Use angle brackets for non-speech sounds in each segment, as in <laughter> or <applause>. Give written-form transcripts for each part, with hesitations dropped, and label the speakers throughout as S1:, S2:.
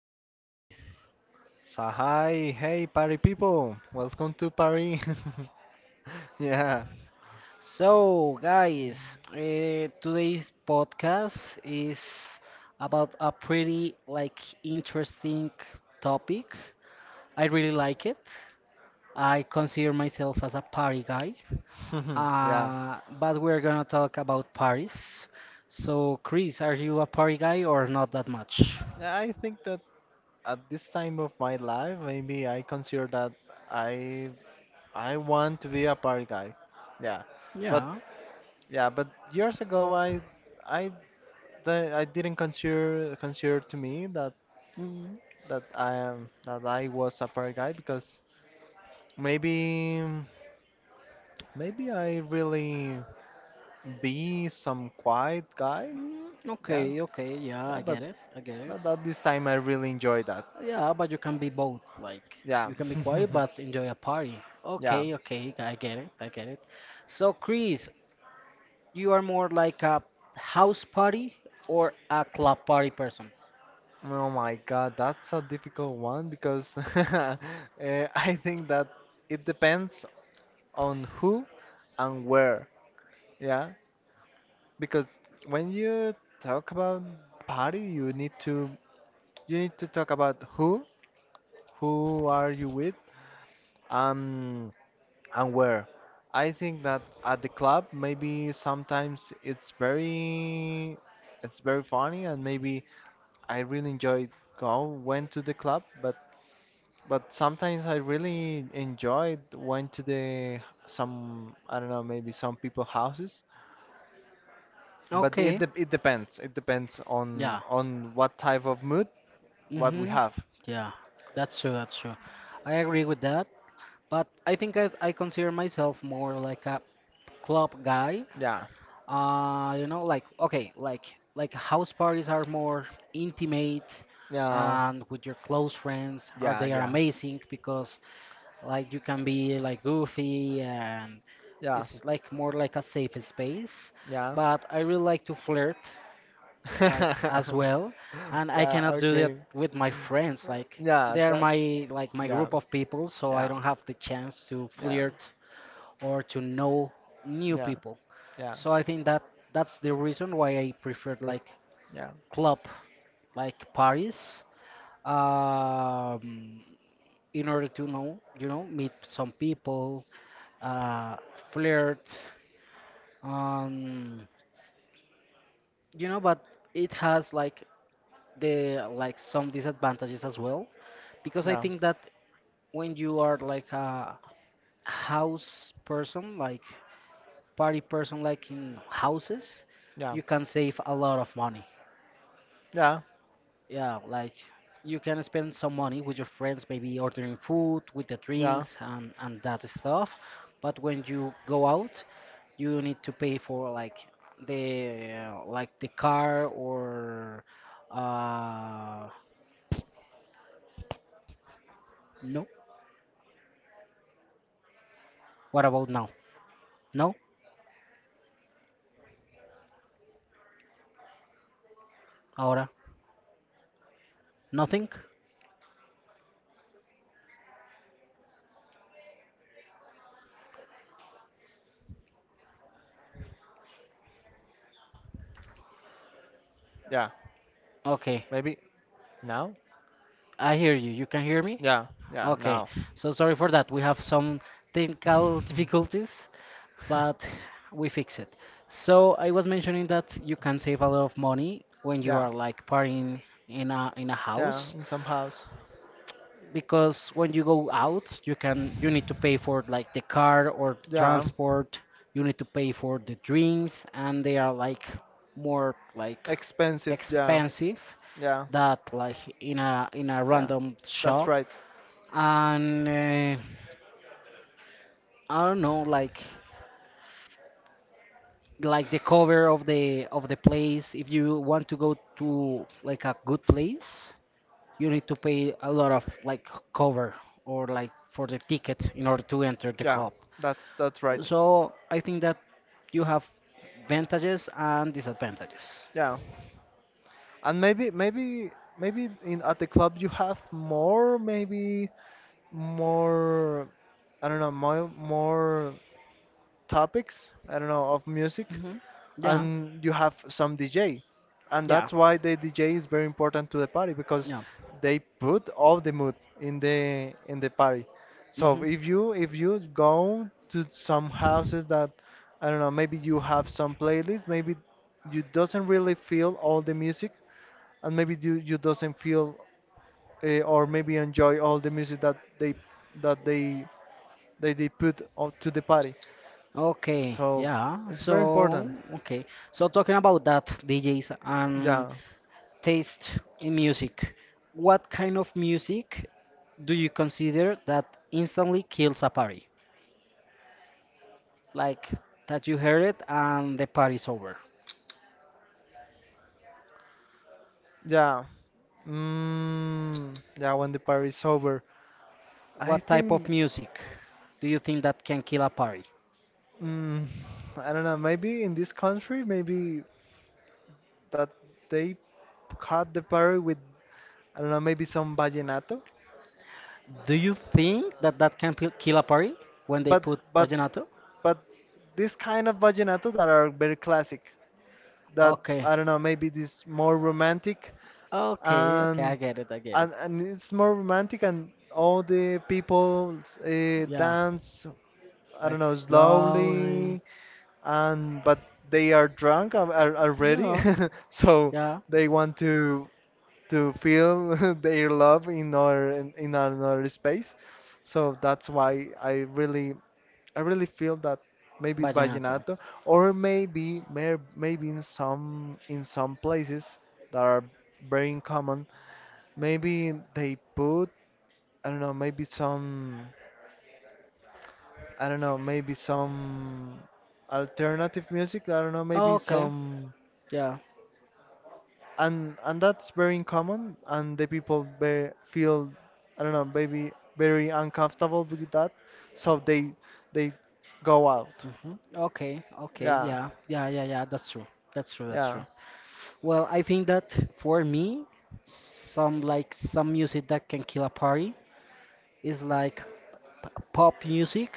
S1: Chris, say hi.
S2: So hi, hey party people, welcome to Paris. <laughs> Yeah.
S1: So, guys, today's podcast is about a pretty like interesting topic. I really like it. I consider myself as a party guy,
S2: <laughs> Yeah.
S1: but we're gonna talk about parties. So, Chris, are you a party guy or not that much?
S2: Yeah, I think that at this time of my life, maybe I consider that I I want to be a party guy. Yeah, but
S1: Yeah.
S2: yeah, but years ago, I I didn't consider to me that
S1: Mm,
S2: that I am that I was a party guy because maybe maybe I really be some quiet guy.
S1: mm,
S2: Yeah,
S1: okay, okay, yeah,
S2: yeah,
S1: I
S2: but
S1: get it, I get it.
S2: but at this time I really enjoy that.
S1: Yeah, but you can be both. Like,
S2: Yeah.
S1: you can be quiet
S2: <laughs>
S1: but enjoy a party.
S2: Yeah.
S1: Okay, okay, I get it, I get it. So, Chris, you are more like a house party or a club party person?
S2: Oh my God, that's a difficult one because <laughs> I think that it depends on who and where. Yeah, because when you talk about party, you need to talk about who are you with, um, and where. I think that at the club, maybe sometimes it's very funny and maybe I really enjoyed go went to the club, but sometimes I really enjoyed went to the some, I don't know, maybe some people houses. But
S1: Okay,
S2: it depends. It depends
S1: yeah.
S2: on what type of mood what we
S1: Mm-hmm.
S2: have.
S1: Yeah, that's true, that's true. I agree with that, but I think I consider myself more like a club guy.
S2: Yeah,
S1: You know, like okay, like house parties are more intimate
S2: yeah,
S1: and with your close friends are
S2: yeah,
S1: they are
S2: yeah,
S1: amazing because like you can be like goofy and
S2: yeah,
S1: it's like more like a safe space.
S2: yeah.
S1: But I really like to flirt like as
S2: <laughs>
S1: well, and I cannot
S2: Yeah.
S1: do that
S2: Okay.
S1: with my friends, like
S2: Yeah.
S1: they're
S2: That.
S1: my like my
S2: Yeah.
S1: group of people, so I
S2: Yeah.
S1: don't have the chance to
S2: Yeah.
S1: flirt or to know new
S2: Yeah.
S1: people.
S2: Yeah. Yeah.
S1: So I think that's the reason why I preferred like club like parties, um in order to know meet some people, uh flirt, um but it has like the like some disadvantages as well, because I
S2: Yeah.
S1: think that when you are like a house person, like party person, like in houses,
S2: Yeah.
S1: you can save a lot of money.
S2: Yeah.
S1: Yeah, like you can spend some money with your friends, maybe ordering food, with the
S2: Yeah.
S1: drinks, and that stuff. But when you go out, you need to pay for like the car or uh no. What about now?
S2: You hear me?
S1: No?
S2: No. No,
S1: Ahora? Nothing?
S2: no. Ay, marica. Yeah,
S1: Okay.
S2: maybe now?
S1: I hear you. You can hear me?
S2: Yeah, yeah,
S1: Okay.
S2: now.
S1: So sorry for that. We have some technical
S2: <laughs>
S1: difficulties, but we fix it. So I was mentioning that you can save a lot of money when you
S2: Yeah,
S1: are like partying in a
S2: yeah,
S1: house,
S2: in some house.
S1: because when you go out, you need to pay for like the car or the
S2: Yeah,
S1: transport, you need to pay for the drinks and they are like more like
S2: expensive. Yeah,
S1: expensive
S2: yeah,
S1: that like in a
S2: yeah.
S1: random
S2: That's
S1: shop.
S2: right.
S1: And I don't know, like the cover of the place. If you want to go to like a good place, you need to pay a lot of like cover or like for the ticket in order to enter the
S2: Yeah,
S1: club.
S2: that's right.
S1: So I think that you have advantages and disadvantages.
S2: Yeah, and maybe in at the club you have more, maybe more, I don't know, more topics, I don't know, of music,
S1: hmm Yeah,
S2: and you have some DJ. And
S1: yeah,
S2: that's why the DJ is very important to the party because
S1: yeah.
S2: they put all the mood in the party. So
S1: hmm
S2: if you go to some houses that, I don't know, maybe you have some playlist, maybe you doesn't really feel all the music, and maybe you doesn't feel, or maybe enjoy all the music that they that they that they put out to the party.
S1: Okay,
S2: So
S1: yeah.
S2: it's very
S1: So,
S2: important.
S1: okay. So talking about that, DJs,
S2: Yeah,
S1: taste in music. What kind of music do you consider that instantly kills a party? Like, that you heard it and the party's over.
S2: yeah. Mm, yeah, when the party is over. I
S1: What type of
S2: think,
S1: music do you think that can kill a party?
S2: mm, <sighs> I don't know, maybe in this country, maybe that they cut the party with, I don't know, maybe some vallenato.
S1: Do you think that that can kill a party when they
S2: But,
S1: put
S2: but,
S1: vallenato?
S2: but this kind of vallenato that are very classic, that,
S1: Okay,
S2: I don't know, maybe this more romantic,
S1: okay, okay, I
S2: and,
S1: get it, I get it.
S2: and it's more romantic and all the people,
S1: Yeah,
S2: dance, I don't
S1: like
S2: know,
S1: slowly.
S2: slowly, and but they are drunk, already,
S1: Yeah,
S2: <laughs> so
S1: yeah,
S2: they want to feel <laughs> their love in our in, another space. So that's why I really feel that maybe
S1: vallenato.
S2: vallenato, or maybe maybe in some places that are very common, maybe they put, I don't know, maybe some, I don't know, maybe some alternative music, I don't know, maybe
S1: Okay,
S2: some.
S1: yeah.
S2: And that's very uncommon, and the people feel, I don't know, maybe very uncomfortable with that, so they go out.
S1: Okay, okay,
S2: Yeah,
S1: yeah, yeah, yeah, yeah, that's true. That's true, that's
S2: yeah,
S1: true. Well, I think that for me, some like some music that can kill a party is like pop music,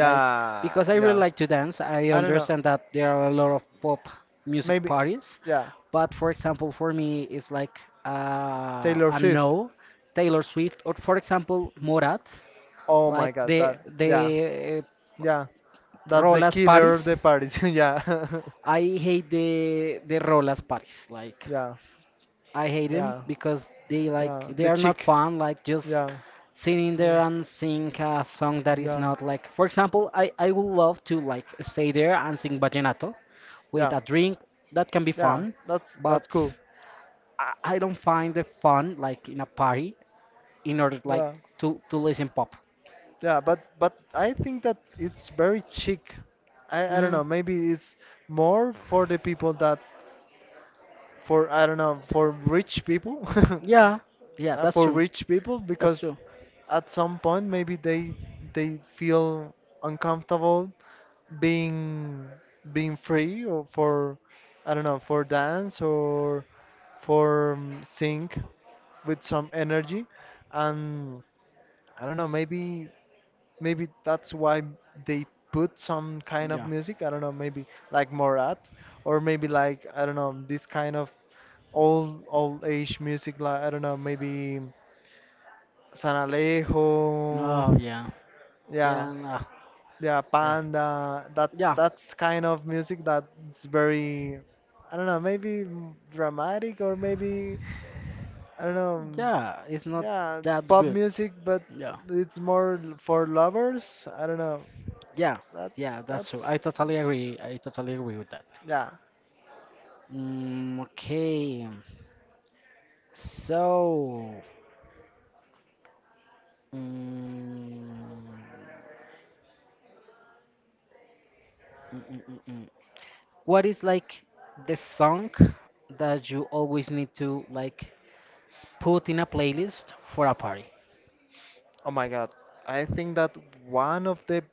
S1: like, because I really
S2: yeah,
S1: like to dance. I
S2: I don't know,
S1: understand that there are a lot of pop music
S2: maybe.
S1: parties,
S2: Yeah,
S1: but for example, for me, it's like
S2: Taylor
S1: a
S2: Swift.
S1: no, Taylor Swift, or for example, Morat,
S2: Oh
S1: like
S2: my God.
S1: the
S2: That. Yeah,
S1: the uh,
S2: yeah, that's the
S1: Rolas
S2: killer of the
S1: parties.
S2: parties. <laughs> Yeah. <laughs>
S1: I hate the rollers parties. Like,
S2: Yeah,
S1: I hate them
S2: yeah,
S1: because they like
S2: yeah,
S1: they
S2: the
S1: are not
S2: chick.
S1: fun. Like, just
S2: Yeah,
S1: sitting
S2: yeah,
S1: there and sing a song that is
S2: yeah,
S1: not like. For example, I would love to like stay there and sing vallenato with
S2: yeah,
S1: a drink. That can be
S2: yeah,
S1: fun,
S2: that's
S1: but
S2: that's cool.
S1: I don't find the fun like in a party in order like
S2: Yeah.
S1: to listen pop.
S2: Yeah, but I think that it's very chic. I don't
S1: hmm
S2: know, maybe it's more for the people that, for, I don't know, for rich people. <laughs>
S1: Yeah, yeah,
S2: Not
S1: that's
S2: for
S1: true.
S2: rich people
S1: That's
S2: because
S1: true.
S2: at some point maybe they feel uncomfortable, being being free, or for, I don't know, for dance, or for, sing with some energy, and I don't know, maybe that's why they put some kind of
S1: Yeah.
S2: music. I don't know, maybe like Morat, or maybe like, I don't know, this kind of old age music. Like, I don't know, maybe San Alejo.
S1: No, yeah.
S2: Yeah,
S1: Yeah, no.
S2: yeah,
S1: Yeah.
S2: Panda.
S1: Yeah.
S2: That's kind of music that's very, I don't know, maybe dramatic, or maybe, I don't know.
S1: Yeah, it's not
S2: Yeah,
S1: that
S2: pop
S1: good.
S2: music, but
S1: Yeah,
S2: it's more for lovers. I don't know.
S1: yeah,
S2: That's
S1: yeah, that's true.
S2: that's
S1: I totally agree. I totally agree with that.
S2: yeah.
S1: Mm, okay, so mm, mm, mm, mm, mm. what is like the song that you always need to like put in a playlist for a party?
S2: Oh my God. I think that one of the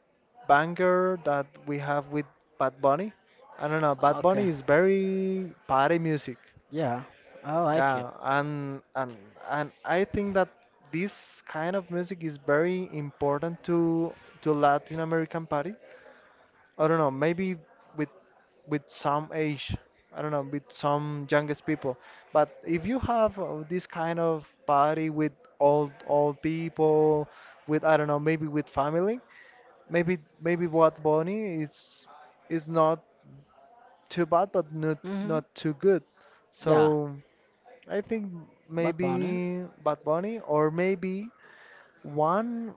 S2: banger that we have with Bad Bunny, I don't know, Bad
S1: Okay,
S2: Bunny is very party music.
S1: yeah, I like it.
S2: Yeah, and I think that this kind of music is very important to Latin American party, I don't know, maybe with with some age, I don't know, with some youngest people. But if you have, this kind of party with old people, with, I don't know, maybe with family, maybe what Bonnie is not too bad, but
S1: hmm
S2: not too good.
S1: Yeah,
S2: So I think
S1: Bad Bunny.
S2: maybe Bad Bunny, or maybe one,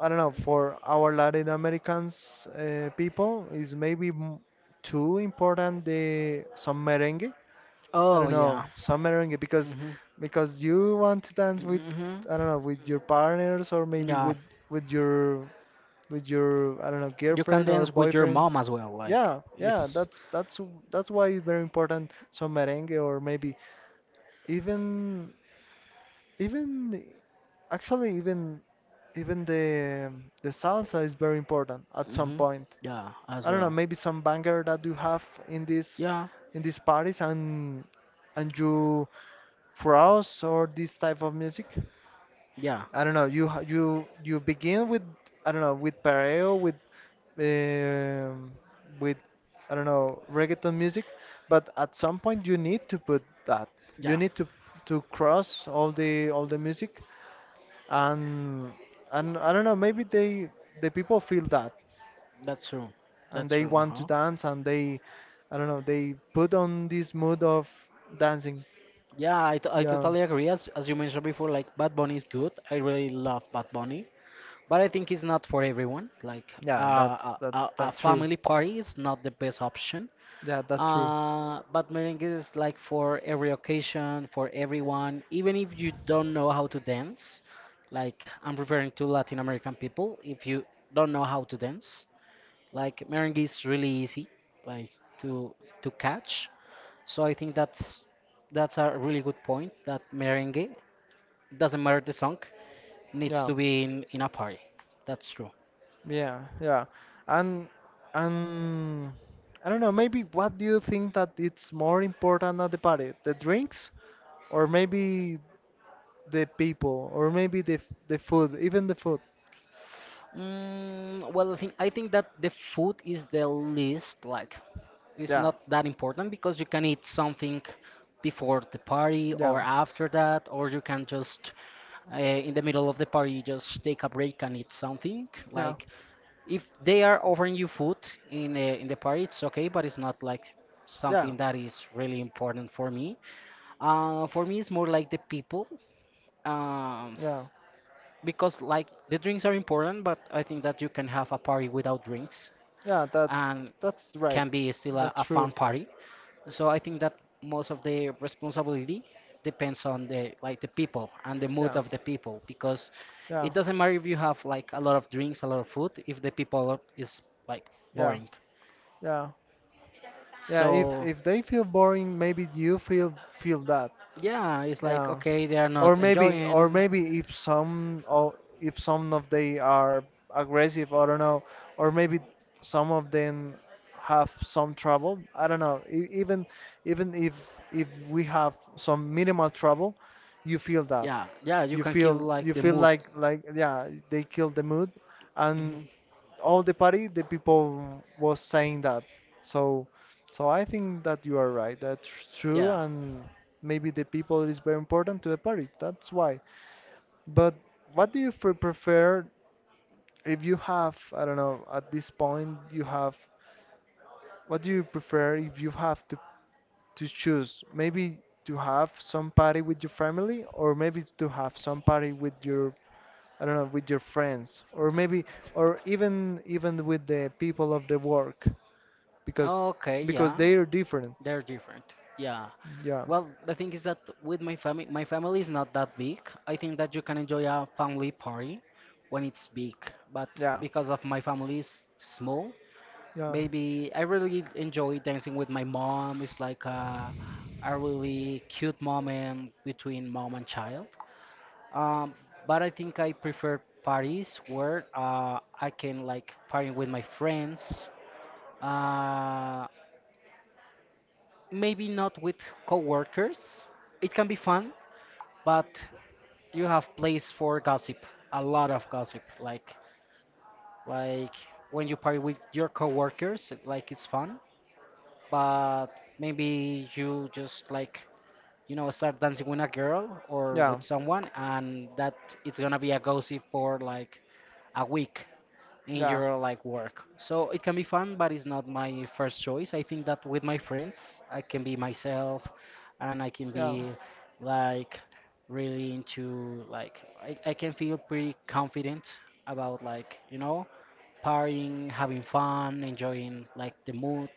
S2: I don't know, for our Latin Americans, people is maybe too important the some merengue. I
S1: Oh
S2: don't know,
S1: yeah.
S2: some merengue, because
S1: hmm
S2: because you want to dance with,
S1: hmm
S2: I don't know, with your partners, or maybe
S1: Yeah.
S2: with with your with your, I don't know,
S1: You can
S2: girlfriend or
S1: dance with your
S2: boyfriend.
S1: mom as well. Like
S2: Yeah, yeah,
S1: it's.
S2: that's why it's very important, some merengue, or maybe even even actually even even the salsa is very important at some
S1: hmm
S2: point.
S1: Yeah, as
S2: I don't know,
S1: well.
S2: maybe some banger that you have
S1: Yeah,
S2: in these parties, and you browse, or this type of music.
S1: yeah,
S2: I don't know, you ha- you begin with, I don't know, with pareo, with, um, with, I don't know, reggaeton music, but at some point you need to put that. You
S1: yeah.
S2: need to cross all the music, and and I don't know, maybe the people feel that,
S1: That's true.
S2: and
S1: That's
S2: they
S1: true. Uh
S2: want to
S1: huh.
S2: dance, and they I don't know, they put on this mood of dancing.
S1: Yeah, I
S2: Yeah.
S1: totally agree. As you mentioned before, like Bad Bunny is good. I really love Bad Bunny, but I think it's not for everyone. Like
S2: Yeah,
S1: a
S2: that's
S1: a
S2: that's
S1: a
S2: that's true.
S1: family party is not the best option.
S2: Yeah, that's true.
S1: But merengue is like for every occasion, for everyone, even if you don't know how to dance. Like, I'm referring to Latin American people. If you don't know how to dance, like merengue is really easy, like to to catch. So I think that's a really good point. That merengue, doesn't matter the song, needs
S2: Yeah.
S1: to be in a party. That's true.
S2: Yeah, yeah. And and I don't know, maybe what do you think that it's more important at the party? The drinks, or maybe the people, or maybe the food, even the food.
S1: Mm, well, I think that the food is the least, like, it's
S2: Yeah.
S1: not that important, because you can eat something before the party
S2: Yeah.
S1: or after that, or you can just in the middle of the party just take a break and eat something.
S2: Yeah.
S1: Like, if they are offering you food in the party, it's okay, but it's not like
S2: Yeah.
S1: something that is really important for me. For me, it's more like the people. Um,
S2: Yeah.
S1: because like the drinks are important, but I think that you can have a party without drinks
S2: Yeah, that's
S1: and
S2: that's right.
S1: can be still a,
S2: That's
S1: a fun
S2: true.
S1: party. So I think that most of the responsibility depends on the people and the mood
S2: Yeah,
S1: of the people, because it
S2: yeah,
S1: doesn't matter if you have like a lot of drinks, a lot of food, if the people is like
S2: yeah,
S1: boring.
S2: yeah, yeah. If
S1: So
S2: if they feel boring, maybe you feel that.
S1: yeah, it's like
S2: Yeah,
S1: okay, they are
S2: or
S1: not
S2: maybe or
S1: enjoying.
S2: maybe if some of they are aggressive, I don't know, or maybe some of them have some trouble. I don't know. Even if we have some minimal trouble, you feel that.
S1: Yeah, yeah, you
S2: You
S1: can kill
S2: feel
S1: like
S2: you
S1: the
S2: feel
S1: mood.
S2: like, yeah, they kill the mood, and
S1: hmm
S2: all the party the people was saying that, so so I think that you are right, that's true.
S1: Yeah.
S2: And maybe the people is very important to the party, that's why. But what do you prefer if you have, I don't know, at this point you have, what do you prefer if you have to choose, maybe to have some party with your family, or maybe to have some party with your, I don't know, with your friends, or maybe, or even with the people of the work, because
S1: Okay,
S2: because
S1: yeah.
S2: they're different.
S1: They're different. Yeah.
S2: Yeah,
S1: Well, the thing is that with my family is not that big. I think that you can enjoy a family party when it's big, but
S2: yeah,
S1: because of my family is small,
S2: yeah,
S1: maybe I really enjoy dancing with my mom. It's like a really cute moment between mom and child. Um, but I think I prefer parties where I can like party with my friends. Uh, Maybe not with coworkers. It can be fun, but you have place for gossip, a lot of gossip. Like, like when you party with your coworkers, like it's fun, but maybe you just like start dancing with a girl or
S2: yeah,
S1: with someone, and that, it's gonna be a gossip for like a week in
S2: yeah,
S1: your like work. So it can be fun, but it's not my first choice. I think that with my friends, I can be myself, and I can
S2: yeah.
S1: be like really into like I can feel pretty confident about like partying, having fun, enjoying like the mood.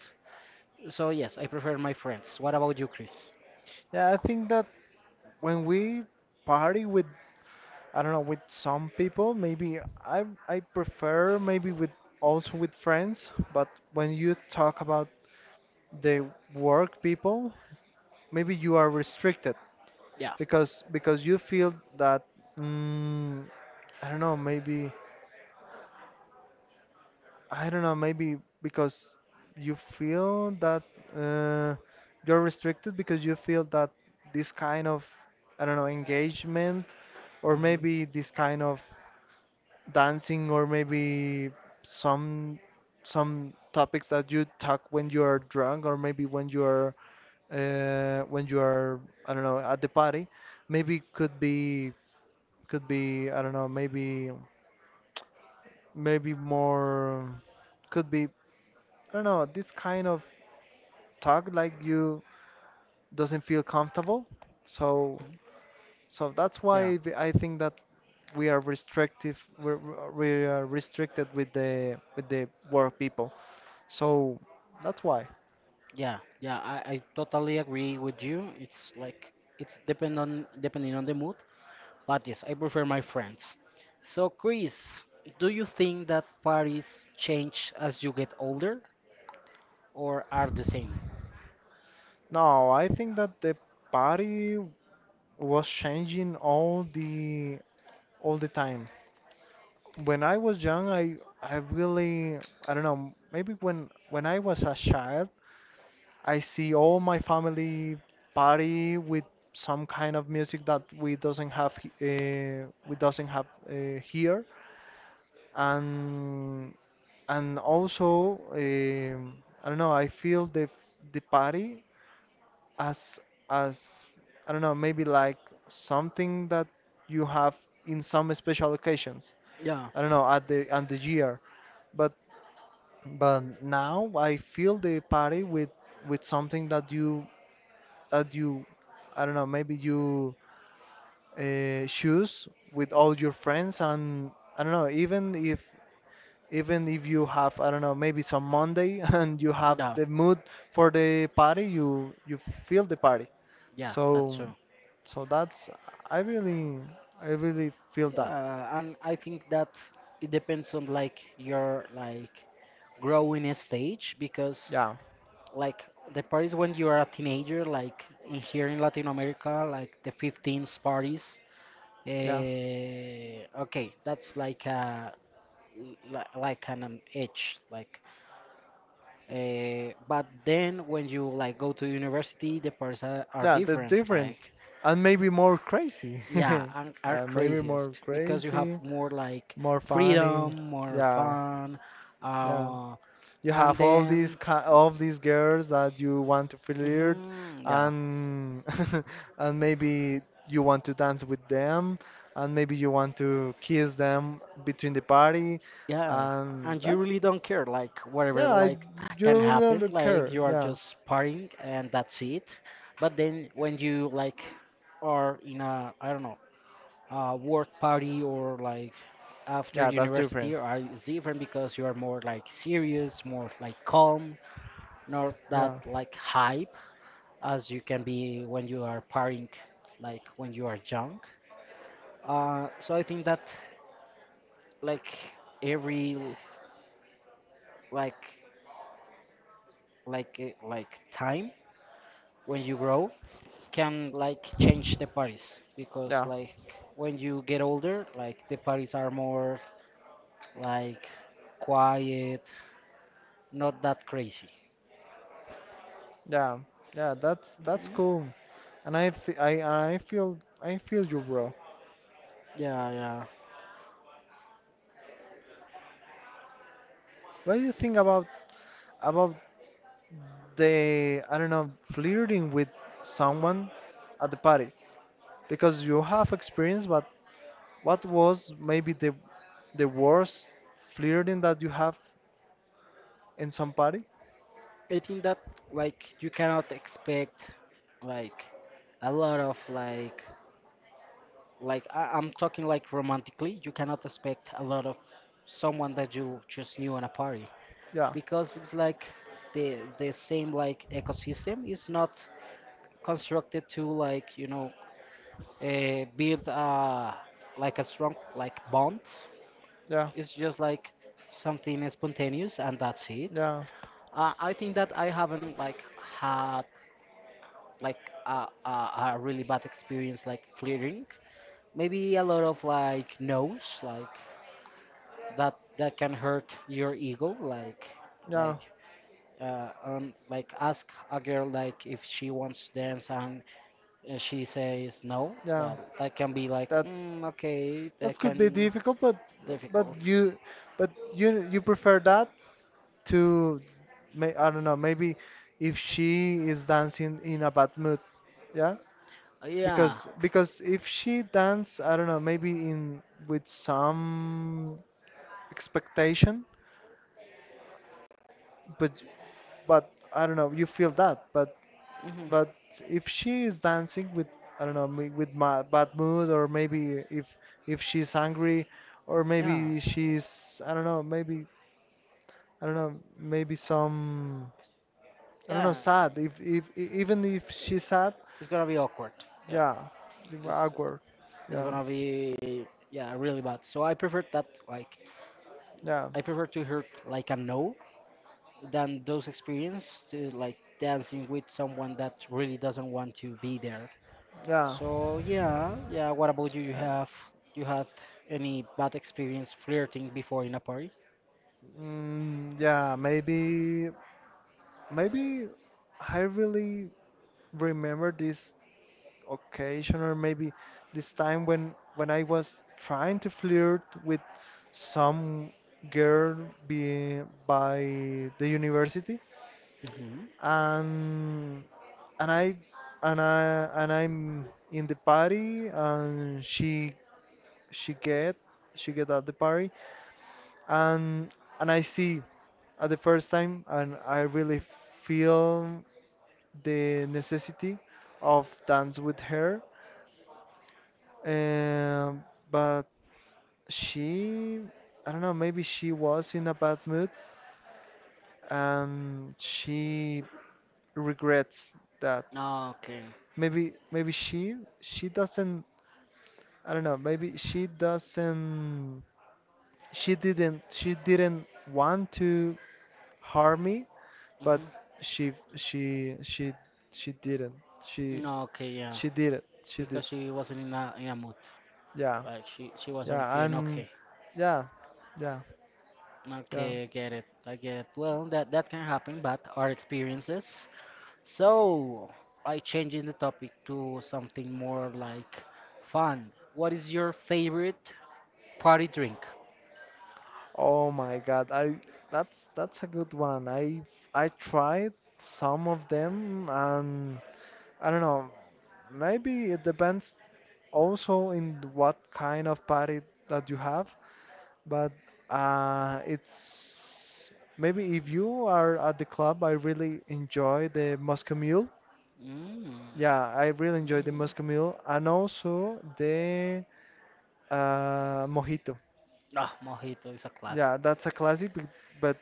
S1: So yes, I prefer my friends. What about you, Chris?
S2: Yeah, I think that when we party with, I don't know, with some people, maybe I prefer maybe with, also with friends, but when you talk about the work people, maybe you are restricted,
S1: Yeah.
S2: because you feel that, mm, I don't know, maybe, I don't know, maybe because you feel that, uh, you're restricted because you feel that this kind of, I don't know, engagement, or
S1: hmm
S2: maybe this kind of dancing, or maybe some some topics that you talk when you are drunk, or maybe when you are, when you are, I don't know, at the party, maybe could be, I don't know, maybe more, could be, I don't know, this kind of talk like you doesn't feel comfortable. So so that's
S1: Yeah,
S2: why, I think that we are restrictive. We are restricted with the work people. So that's why.
S1: yeah, yeah. I totally agree with you. It's like it's depending on the mood. But yes, I prefer my friends. So, Chris, do you think that parties change as you get older or are the same?
S2: No, I think that the party was changing all the time. When I was young, I really I don't know. Maybe when I was a child, I see all my family party with some kind of music that we doesn't have, here, and and also, I don't know. I feel the party as as, I don't know, maybe like something that you have in some special occasions.
S1: Yeah,
S2: I don't know, at the year, but now I feel the party with, something that you, I don't know, maybe you, choose with all your friends, and I don't know, even if you have, I don't know, maybe some Monday, <laughs> and you have
S1: yeah,
S2: the mood for the party, you feel the party.
S1: yeah, that's
S2: So
S1: true.
S2: so that's, I really I really feel that.
S1: Yeah, and I think that it depends on like your like growing stage, because
S2: Yeah,
S1: like the parties when you are a teenager, like in here in Latin America, like the 15s parties.
S2: yeah,
S1: Okay, that's like a like an age, like. But then when you like go to university, the parts are
S2: yeah. That's
S1: different.
S2: different,
S1: Like,
S2: and maybe more crazy. <laughs>
S1: yeah, and are
S2: Maybe more
S1: craziest because you have
S2: crazy,
S1: more like
S2: more funny.
S1: freedom, more
S2: Yeah,
S1: fun,
S2: yeah.
S1: uh,
S2: You
S1: and
S2: have all these
S1: then
S2: all these girls that you want to flirt,
S1: mhm, yeah,
S2: and <laughs> and maybe you want to dance with them, and maybe you want to kiss them between the party,
S1: yeah,
S2: and
S1: and you
S2: that's
S1: really don't care like
S2: yeah.
S1: whatever like <laughs>
S2: You
S1: can
S2: really
S1: happen.
S2: don't
S1: Like,
S2: care,
S1: you are
S2: yeah,
S1: just partying and that's it. But then when you like are in a, I don't know, work party or like after
S2: yeah. That's different,
S1: university, are is different, because you are more like serious, more like calm, not that
S2: yeah,
S1: like hype as you can be when you are partying, like when you are young. So I think that like every like like time when you grow can like change the parties, because
S2: yeah,
S1: like when you get older, like the parties are more like quiet, not that crazy.
S2: yeah, yeah. That's cool, and I th I feel you, bro.
S1: Yeah, yeah.
S2: What do you think about they I don't know, flirting with someone at the party? Because you have experience. But what was maybe the worst flirting that you have in some party?
S1: I think that you cannot expect like a lot of I'm talking like romantically, you cannot expect a lot of someone that you just knew on a party
S2: Yeah,
S1: because it's like the same like ecosystem is not constructed to build a like a strong like bond.
S2: yeah,
S1: It's just like something spontaneous and that's it.
S2: yeah,
S1: I think that I haven't like had like a, a, a really bad experience like flirting. Maybe a lot of like no's like that can hurt your ego like
S2: yeah,
S1: like like ask a girl like if she wants to dance and she says no
S2: yeah,
S1: that can be like
S2: that's
S1: okay
S2: that
S1: that
S2: could be
S1: can
S2: difficult, but but
S1: difficult.
S2: you but you prefer that to may I don't know, maybe if she is dancing in a bad mood, yeah.
S1: Yeah.
S2: Because if she dance, I don't know, maybe in with some expectation. But but I don't know, you feel that. But
S1: Hmm.
S2: but if she is dancing with, I don't know, with my bad mood, or maybe if she's angry, or
S1: Yeah.
S2: maybe she's, I don't know, maybe, I don't know, maybe some, I don't know,
S1: Yeah.
S2: sad. If e- even if she's sad,
S1: It's gonna be awkward. Yeah.
S2: yeah,
S1: It's
S2: awkward,
S1: it's
S2: yeah,
S1: gonna be yeah really bad. So I prefer that like
S2: yeah,
S1: I prefer to hear like a no than those experience to like dancing with someone that really doesn't want to be there.
S2: yeah.
S1: So yeah, yeah. What about you? You have You had any bad experience flirting before in a party?
S2: Mm, yeah, maybe I really remember this occasion, or maybe this time when I was trying to flirt with some girl, be, by the university,
S1: Mm-hmm.
S2: and and I and I'm in the party, and she get she get at the party, and I see at the first time, and I really feel the necessity of dance with her. Um, but she, I don't know, maybe she was in a bad mood, and she regrets that.
S1: Okay.
S2: Maybe she doesn't, I don't know, maybe she didn't want to harm me, but
S1: Mm-hmm.
S2: she, she, she, she didn't. She
S1: Okay, yeah.
S2: She did it. She did.
S1: Because she wasn't in a mood.
S2: Yeah.
S1: Like she wasn't
S2: Yeah.
S1: feeling
S2: And
S1: okay.
S2: yeah. Yeah. Yeah.
S1: Okay, I get it. I get it. Well, that can happen, but our experiences. So I changing the topic to something more like fun. What is your favorite party drink?
S2: Oh my God. I That's a good one. I tried some of them, and I don't know. Maybe it depends also in what kind of party that you have, but it's maybe if you are at the club, I really enjoy the Moscow Mule.
S1: Mm.
S2: Yeah, I really enjoy the
S1: Mhm.
S2: Moscow Mule, and also the mojito.
S1: Ah, mojito is a classic.
S2: Yeah, that's a classic, but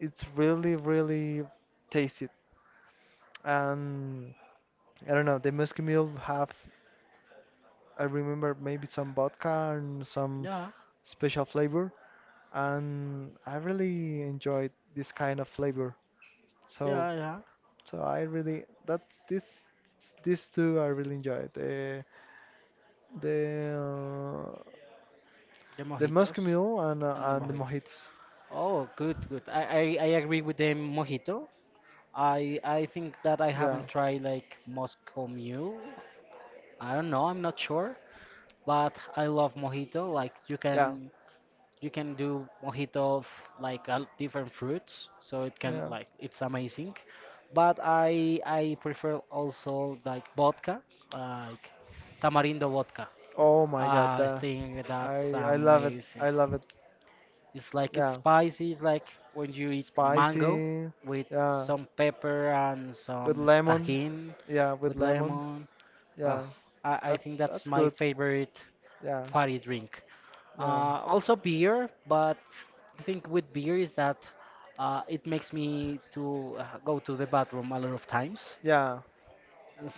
S2: it's really, really tasty. And I don't know, the Musky Mule have, I remember, maybe some vodka and some
S1: Yeah,
S2: special flavor, and I really enjoyed this kind of flavor. So,
S1: yeah, yeah.
S2: so I really, that's this, these two I really enjoyed. The uh,
S1: The
S2: the Musky
S1: mojitos
S2: Mule, and uh,
S1: and the
S2: and the
S1: mojito.
S2: mojitos.
S1: Oh, good, good. I agree with the mojito. I think that I
S2: Yeah,
S1: haven't tried like Moscow Mule. I don't know. I'm not sure. But I love mojito. Like
S2: yeah,
S1: you can do mojito of like different fruits so it can
S2: yeah.
S1: like it's amazing but I prefer also like vodka like tamarindo vodka
S2: Oh my God,
S1: I
S2: that
S1: think that's
S2: I love it.
S1: amazing.
S2: I love it.
S1: It's like it's
S2: Yeah,
S1: spicy it's like when you eat mango
S2: spicy.
S1: with
S2: Yeah,
S1: some pepper and
S2: with
S1: some
S2: lemon.
S1: tajin
S2: Yeah, with
S1: with
S2: lemon.
S1: lemon. Oh,
S2: Yeah,
S1: I think
S2: that's
S1: that's
S2: that's
S1: my
S2: good.
S1: favorite
S2: Yeah,
S1: party drink.
S2: yeah,
S1: uh, also beer, but the thing with beer is that it makes me to go to the bathroom a lot of times.
S2: yeah,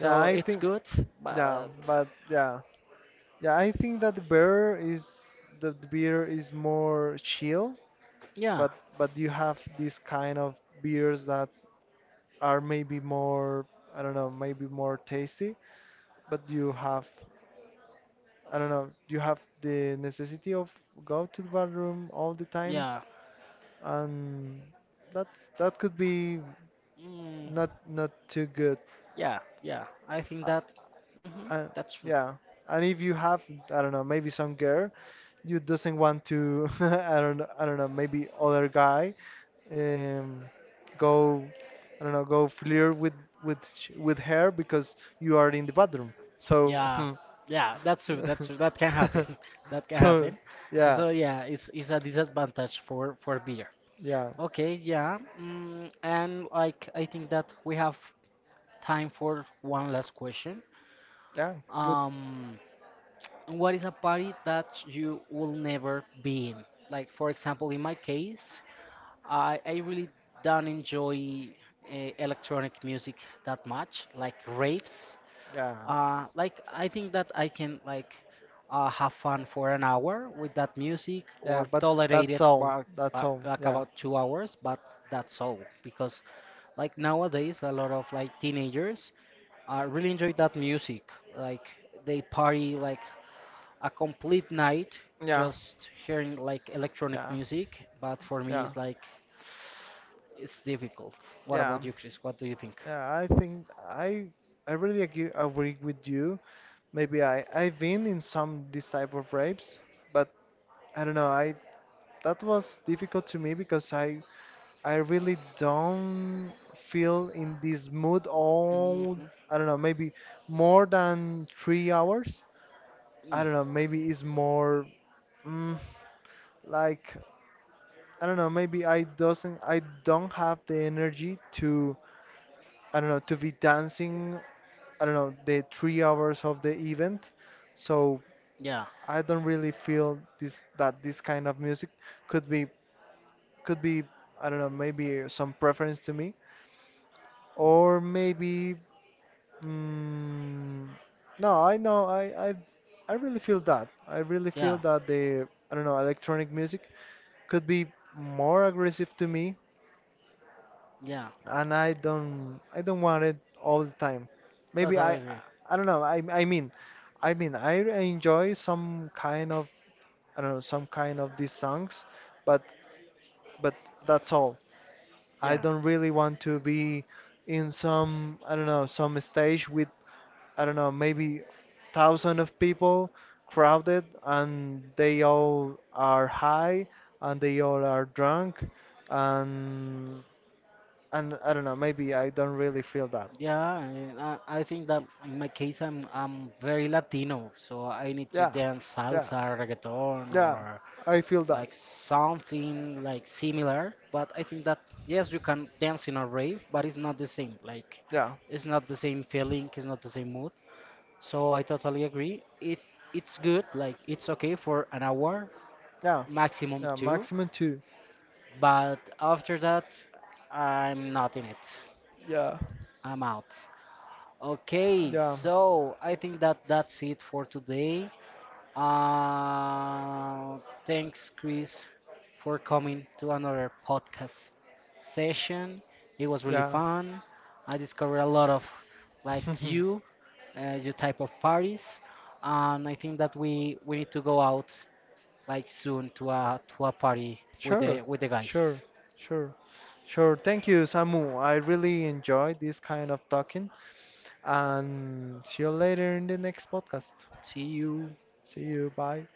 S2: yeah. I
S1: it's
S2: think,
S1: good,
S2: yeah,
S1: but
S2: but yeah, yeah. I think that the beer is more chill,
S1: yeah,
S2: but but you have these kind of beers that are maybe more, I don't know, maybe more tasty, but you have. I don't know, you have the necessity of go to the bathroom all the times,
S1: yeah,
S2: and that could be
S1: mm,
S2: not too good.
S1: yeah, yeah. I think
S2: Uh,
S1: that
S2: and
S1: that's true.
S2: yeah, and if you have, I don't know, maybe some girl you doesn't want to, <laughs> I don't know, maybe other guy, um, go, I don't know, go flirt with her because you are in the bathroom. So,
S1: Yeah,
S2: <laughs>
S1: yeah, that's true. That's true. That can happen. <laughs>
S2: <laughs>
S1: That can
S2: so
S1: happen.
S2: yeah,
S1: So yeah, it's a disadvantage for beer.
S2: yeah.
S1: Okay, yeah, and like I think that we have time for one last question.
S2: Yeah, good.
S1: um, what is a party that you will never be in? Like, for example, in my case, I really don't enjoy electronic music that much, like raves.
S2: Yeah,
S1: Like I think that I can like have fun for an hour with that music
S2: yeah,
S1: or
S2: but
S1: tolerate
S2: that's
S1: it
S2: all.
S1: for
S2: That's all.
S1: like
S2: Yeah,
S1: about 2 hours, but that's all because like nowadays a lot of like teenagers really enjoy that music. Like they party like a complete night
S2: yeah,
S1: just hearing like electronic
S2: yeah,
S1: music, but for me
S2: yeah,
S1: it's like it's difficult. What
S2: yeah,
S1: about you, Chris? What do you think?
S2: yeah. I think I really agree with you. Maybe I've been in some this type of rapes, but I don't know. I That was difficult to me because I really don't feel in this mood
S1: Hmm.
S2: all. I don't know. Maybe more than 3 hours. I don't know. Maybe it's more. Mm, like, I don't know, maybe I don't have the energy to, I don't know, to be dancing, I don't know, the 3 hours of the event. So
S1: Yeah,
S2: I don't really feel this kind of music could be could be, I don't know, maybe some preference to me, or maybe mm, no, I know. I really feel that,
S1: yeah.
S2: the, I don't know, electronic music could be more aggressive to me,
S1: Yeah,
S2: and I don't want it all the time. Maybe
S1: totally agree.
S2: I don't know. I mean I enjoy some kind of, I don't know, some kind of these songs, but but that's all. I
S1: Yeah,
S2: don't really want to be in some, I don't know, some stage with, I don't know, maybe 1,000 of people, crowded, and they all are high, and they all are drunk, and I don't know, maybe I don't really feel that.
S1: yeah. And I think that in my case, I'm very Latino, so I need to
S2: Yeah,
S1: dance
S2: yeah,
S1: salsa, reggaeton,
S2: yeah.
S1: or
S2: I feel that.
S1: like something like similar. But I think that yes, you can dance in a rave, but it's not the same. Like,
S2: Yeah,
S1: it's not the same feeling. It's not the same mood. So I totally agree. It's good. Like, it's okay for an hour,
S2: yeah,
S1: maximum
S2: yeah.
S1: two.
S2: Maximum two.
S1: But after that, I'm not in it.
S2: Yeah,
S1: I'm out. Okay,
S2: yeah,
S1: so I think that that's it for today. Uh, thanks, Chris, for coming to another podcast session. It was really
S2: yeah.
S1: fun. I discovered a lot of like
S2: <laughs>
S1: you, your type of parties, and I think that we need to go out like soon to a party
S2: Sure,
S1: with the guys.
S2: sure, sure, sure. Thank you, Samu. I really enjoyed this kind of talking. And see you later in the next podcast.
S1: See you.
S2: See you. Bye.